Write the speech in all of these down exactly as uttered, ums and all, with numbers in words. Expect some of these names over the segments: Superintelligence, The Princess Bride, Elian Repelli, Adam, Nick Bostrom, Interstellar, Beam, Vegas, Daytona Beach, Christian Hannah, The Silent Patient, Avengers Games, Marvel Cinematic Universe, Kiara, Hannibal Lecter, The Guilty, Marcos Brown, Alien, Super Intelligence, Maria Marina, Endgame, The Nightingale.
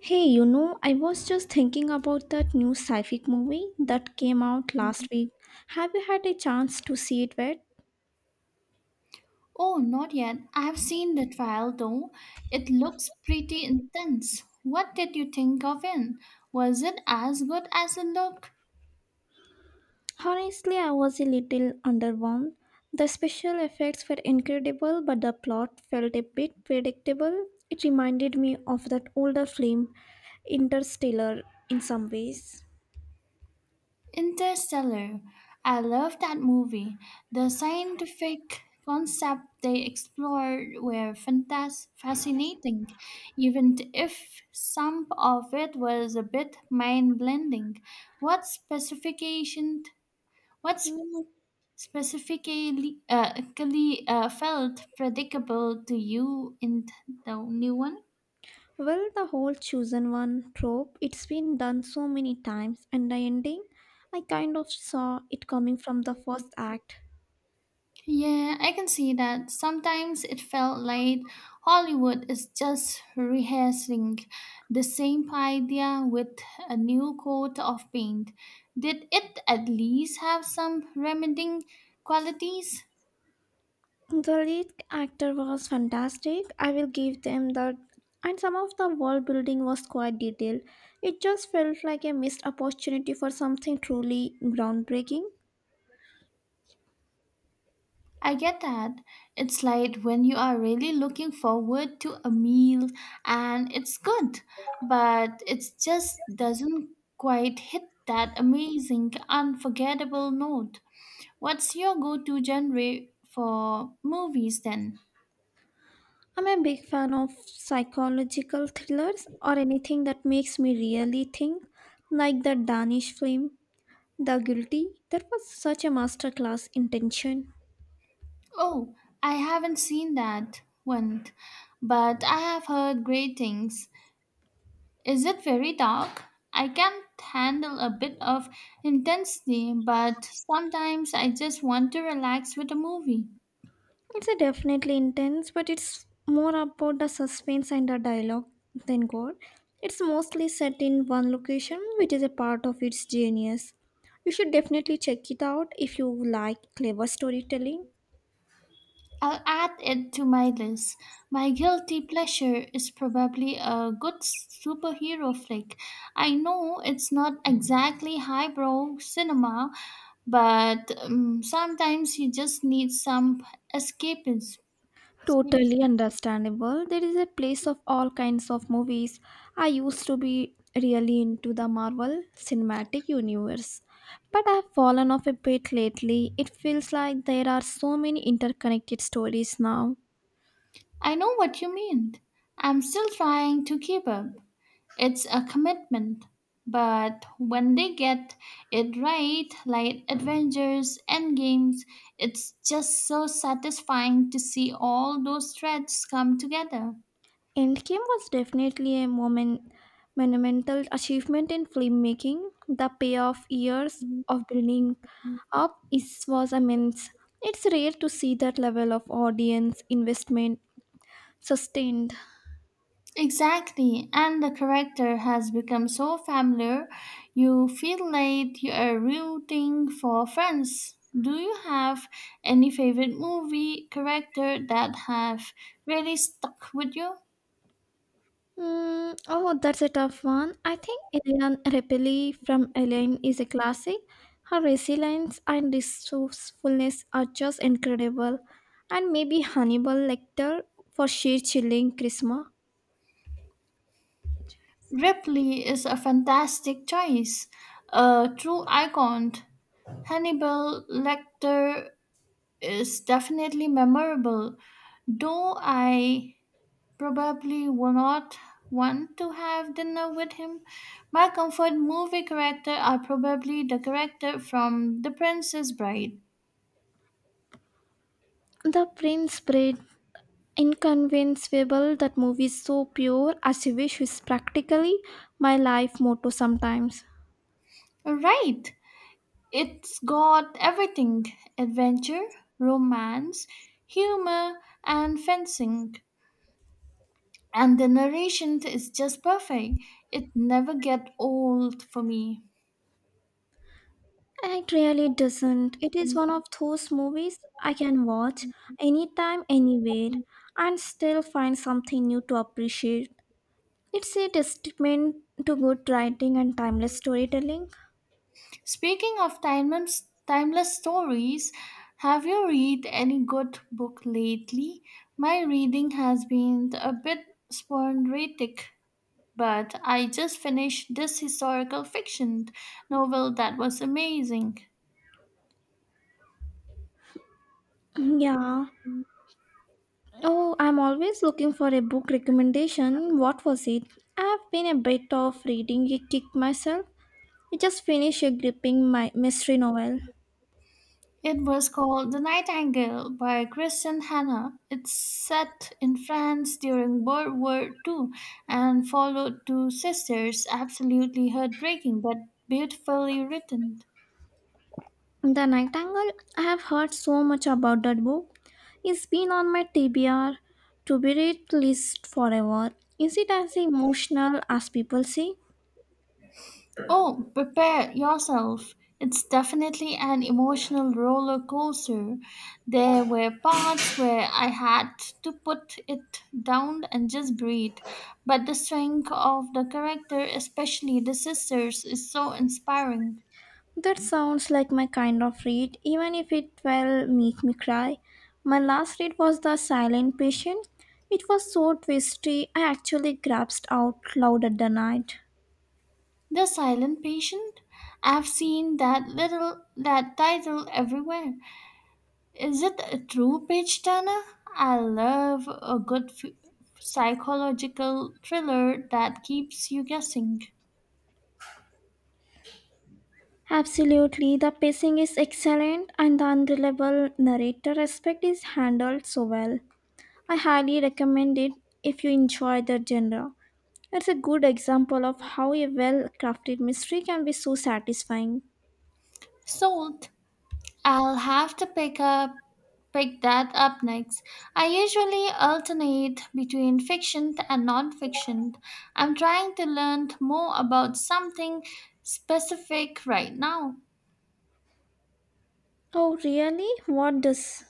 Hey, you know, I was just thinking about that new sci-fi movie that came out last week. Have you had a chance to see it yet? Oh, not yet. I have seen the trial though. It looks pretty intense. What did you think of it? Was it as good as it looked? Honestly, I was a little underwhelmed. The special effects were incredible, but the plot felt a bit predictable. It reminded me of that older film, Interstellar, in some ways. Interstellar. I love that movie. The scientific concept they explored were fantas- fascinating, even if some of it was a bit mind-blending. What specification? What specifically uh, clearly, uh, felt predictable to you in the new one? Well, the whole chosen one trope, it's been done so many times, and the ending, I kind of saw it coming from the first act. Yeah, I can see that. Sometimes it felt like Hollywood is just rehearsing the same idea with a new coat of paint. Did it at least have some remedying qualities? The lead actor was fantastic, I will give them that. And some of the world building was quite detailed. It just felt like a missed opportunity for something truly groundbreaking. I get that. It's like when you are really looking forward to a meal and it's good, but it just doesn't quite hit that amazing, unforgettable note. What's your go to genre for movies then? I'm a big fan of psychological thrillers or anything that makes me really think, like the Danish film The Guilty. That was such a masterclass in tension. Oh, I haven't seen that one, but I have heard great things. Is it very dark? I can handle a bit of intensity, but sometimes I just want to relax with a movie. It's a definitely intense, but it's more about the suspense and the dialogue than gore. It's mostly set in one location, which is a part of its genius. You should definitely check it out if you like clever storytelling. I'll add it to my list. My guilty pleasure is probably a good superhero flick. I know it's not exactly highbrow cinema, but um, sometimes you just need some escapism. Totally escapism. understandable. There is a place of all kinds of movies. I used to be really into the Marvel Cinematic Universe, but I've fallen off a bit lately. It feels like there are so many interconnected stories now. I know what you mean. I'm still trying to keep up. It's a commitment, but when they get it right, like Avengers Games, it's just so satisfying to see all those threads come together. Endgame was definitely a moment, monumental achievement in filmmaking. The payoff years of building up is, was immense. It's rare to see that level of audience investment sustained. Exactly, and the character has become so familiar, you feel like you are rooting for friends. Do you have any favorite movie character that have really stuck with you? Mm, oh, that's a tough one. I think Elian Repelli from Alien is a classic. Her resilience and resourcefulness are just incredible. And maybe Hannibal Lecter for sheer chilling charisma. Ripley is a fantastic choice, a true icon. Hannibal Lecter is definitely memorable, though I probably will not want to have dinner with him. My comfort movie character are probably the character from The Princess Bride. The Prince Bride. Inconceivable. That movie is so pure. As you wish is practically my life motto sometimes. Right, it's got everything adventure, romance, humor, and fencing, and the narration is just perfect. It never get old for me. It really doesn't. It is one of those movies I can watch anytime, anywhere and still find something new to appreciate. It's a testament to good writing and timeless storytelling. Speaking of timeless timeless stories, have you read any good book lately? My reading has been a bit sporadic, but I just finished this historical fiction novel that was amazing. Yeah. Oh, I'm always looking for a book recommendation. What was it? I've been a bit of reading a kick myself. I just finished a gripping my mystery novel. It was called The Nightingale by Christian Hannah. It's set in France during World War Two, and followed two sisters, absolutely heartbreaking but beautifully written. The Nightingale, I have heard so much about that book. It's been on my T B R, to be read list, forever. Is it as emotional as people say? Oh, prepare yourself. It's definitely an emotional roller coaster. There were parts where I had to put it down and just breathe. But the strength of the character, especially the sisters, is so inspiring. That sounds like my kind of read, even if it will make me cry. My last read was The Silent Patient. It was so twisty, I actually gasped out loud at the night. The Silent Patient? I've seen that little that title everywhere. Is it a true page turner? I love a good f- psychological thriller that keeps you guessing. Absolutely, the pacing is excellent and the unreliable narrator aspect is handled so well. I highly recommend it if you enjoy the genre. It's a good example of how a well crafted mystery can be so satisfying. Sold. I'll have to pick up pick that up next. I usually alternate between fiction and non-fiction. I'm trying to learn more about something specific right now. Oh, really? What does?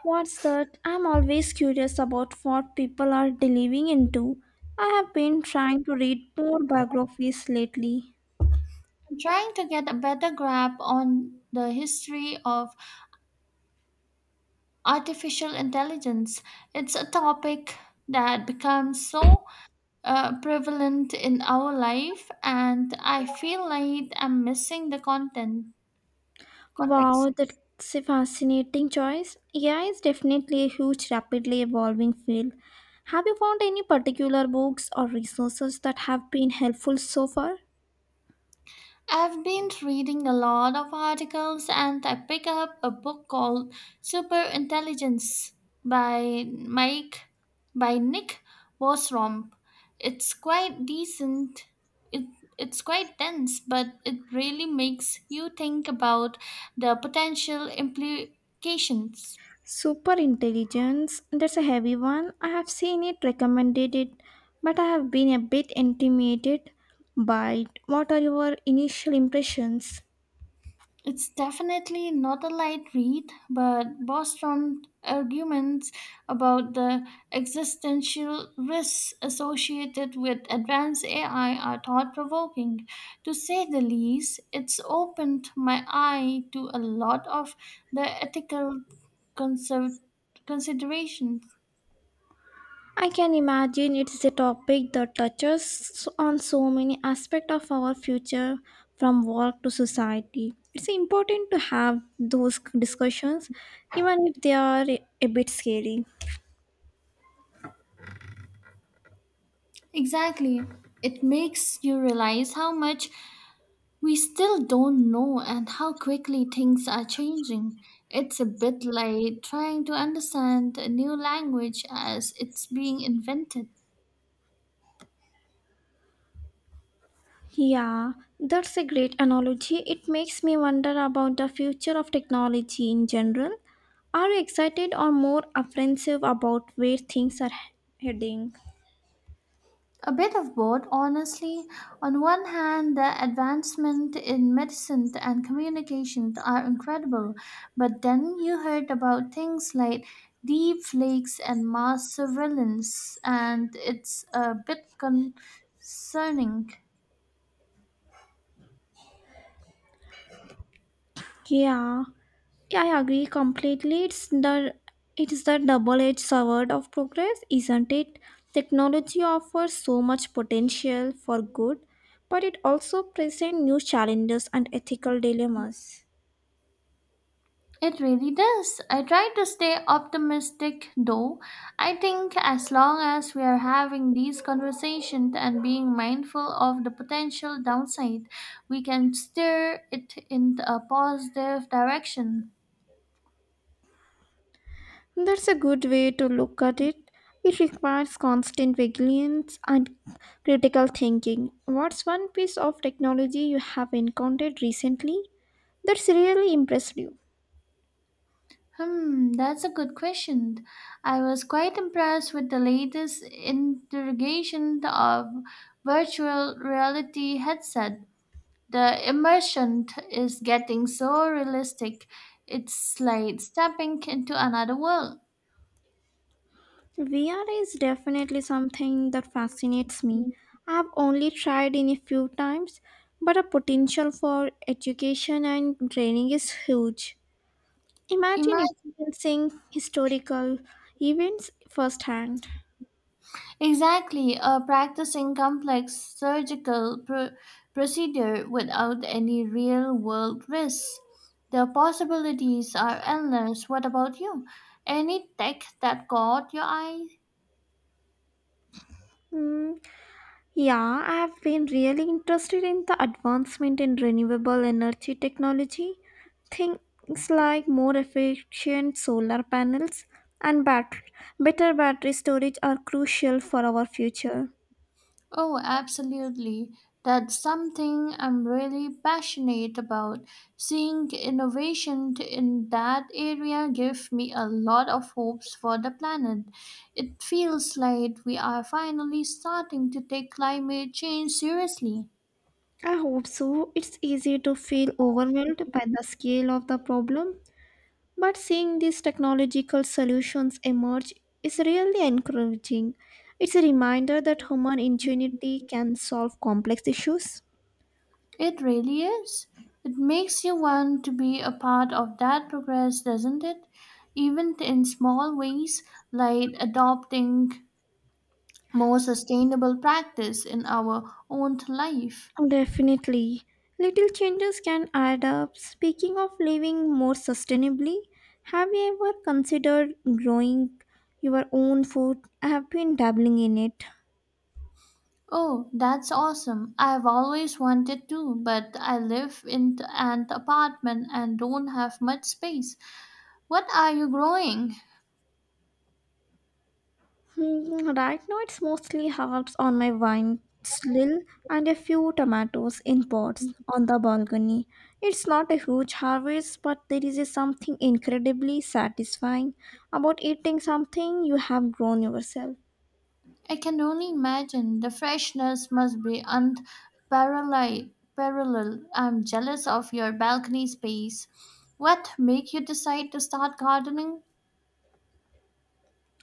What's that? I'm always curious about what people are delving into. I have been trying to read more biographies lately. I'm trying to get a better grasp on the history of artificial intelligence. It's a topic that becomes so uh, prevalent in our life, and I feel like I'm missing the content context. Wow, that's a fascinating choice. A I is definitely a huge, rapidly evolving field. Have you found any particular books or resources that have been helpful so far? I've been reading a lot of articles and I picked up a book called Super Intelligence by Mike by Nick Bostrom. It's quite decent. It, it's quite dense, but it really makes you think about the potential implications. Super intelligence, that's a heavy one. I have seen it, recommended it, but I have been a bit intimidated by it. What are your initial impressions? It's definitely not a light read, but Bostrom's arguments about the existential risks associated with advanced A I are thought provoking. To say the least, it's opened my eye to a lot of the ethical conser- considerations. I can imagine it's a topic that touches on so many aspects of our future, from work to society. It's important to have those discussions, even if they are a bit scary. Exactly. It makes you realize how much we still don't know, and how quickly things are changing. It's a bit like trying to understand a new language as it's being invented. Yeah, that's a great analogy. It makes me wonder about the future of technology in general. Are you excited or more apprehensive about where things are heading? A bit of both, honestly. On one hand, the advancement in medicine and communication are incredible, but then you heard about things like deep flakes and mass surveillance, and it's a bit concerning. Yeah, Yeah, I agree completely. It's the it is the double-edged sword of progress, isn't it? Technology offers so much potential for good, but it also presents new challenges and ethical dilemmas. It really does. I try to stay optimistic though. I think as long as we are having these conversations and being mindful of the potential downside, we can steer it in a positive direction. That's a good way to look at it. It requires constant vigilance and critical thinking. What's one piece of technology you have encountered recently that's really impressed you? Hmm, that's a good question. I was quite impressed with the latest interrogation of virtual reality headset. The immersion t- is getting so realistic. It's like stepping into another world. V R is definitely something that fascinates me. I've only tried in a few times, but the potential for education and training is huge. Imagine Imagine experiencing historical events firsthand. exactly uh, practicing complex surgical pro- procedure without any real world risks. The possibilities are endless. What about you? Any tech that caught your eye? Mm, Yeah, I have been really interested in the advancement in renewable energy technology. Things like more efficient solar panels and bat- better battery storage are crucial for our future. Oh, absolutely. That's something I'm really passionate about. Seeing innovation t- in that area gives me a lot of hopes for the planet. It feels like we are finally starting to take climate change seriously. I hope so. It's easy to feel overwhelmed by the scale of the problem, but seeing these technological solutions emerge is really encouraging. It's a reminder that human ingenuity can solve complex issues. It really is. It makes you want to be a part of that progress, doesn't it? Even in small ways, like adopting more sustainable practice in our own life. Definitely. Little changes can add up. Speaking of living more sustainably, have you ever considered growing your own food? I have been dabbling in it. Oh, that's awesome. I've always wanted to, but I live in an apartment and don't have much space. What are you growing? Hmm, right now, it's mostly herbs on my vine slill and a few tomatoes in pots on the balcony. It's not a huge harvest, but there is a something incredibly satisfying about eating something you have grown yourself. I can only imagine the freshness must be unparalleled. Parallel. I'm jealous of your balcony space. What make you decide to start gardening?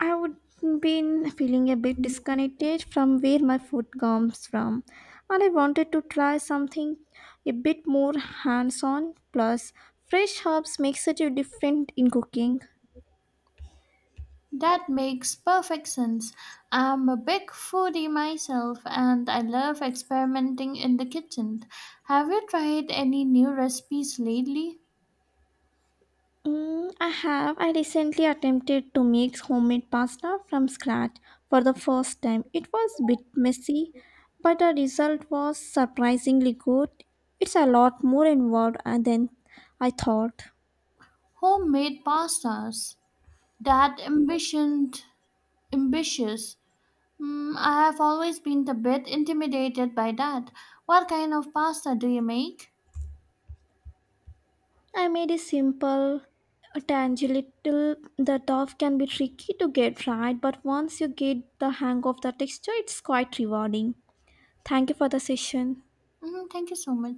I would been feeling a bit disconnected from where my food comes from, and I wanted to try something a bit more hands-on. Plus, fresh herbs make such a difference in cooking. That makes perfect sense. I'm a big foodie myself and I love experimenting in the kitchen. Have you tried any new recipes lately? Mm, I have. I recently attempted to make homemade pasta from scratch for the first time. It was a bit messy, but the result was surprisingly good. It's a lot more involved uh, than I thought. Homemade pastas. That ambition, ambitious. Mm, I have always been a bit intimidated by that. What kind of pasta do you make? I made it simple, tangible. The dough can be tricky to get right, but once you get the hang of the texture, it's quite rewarding. Thank you for the session. Mm, thank you so much.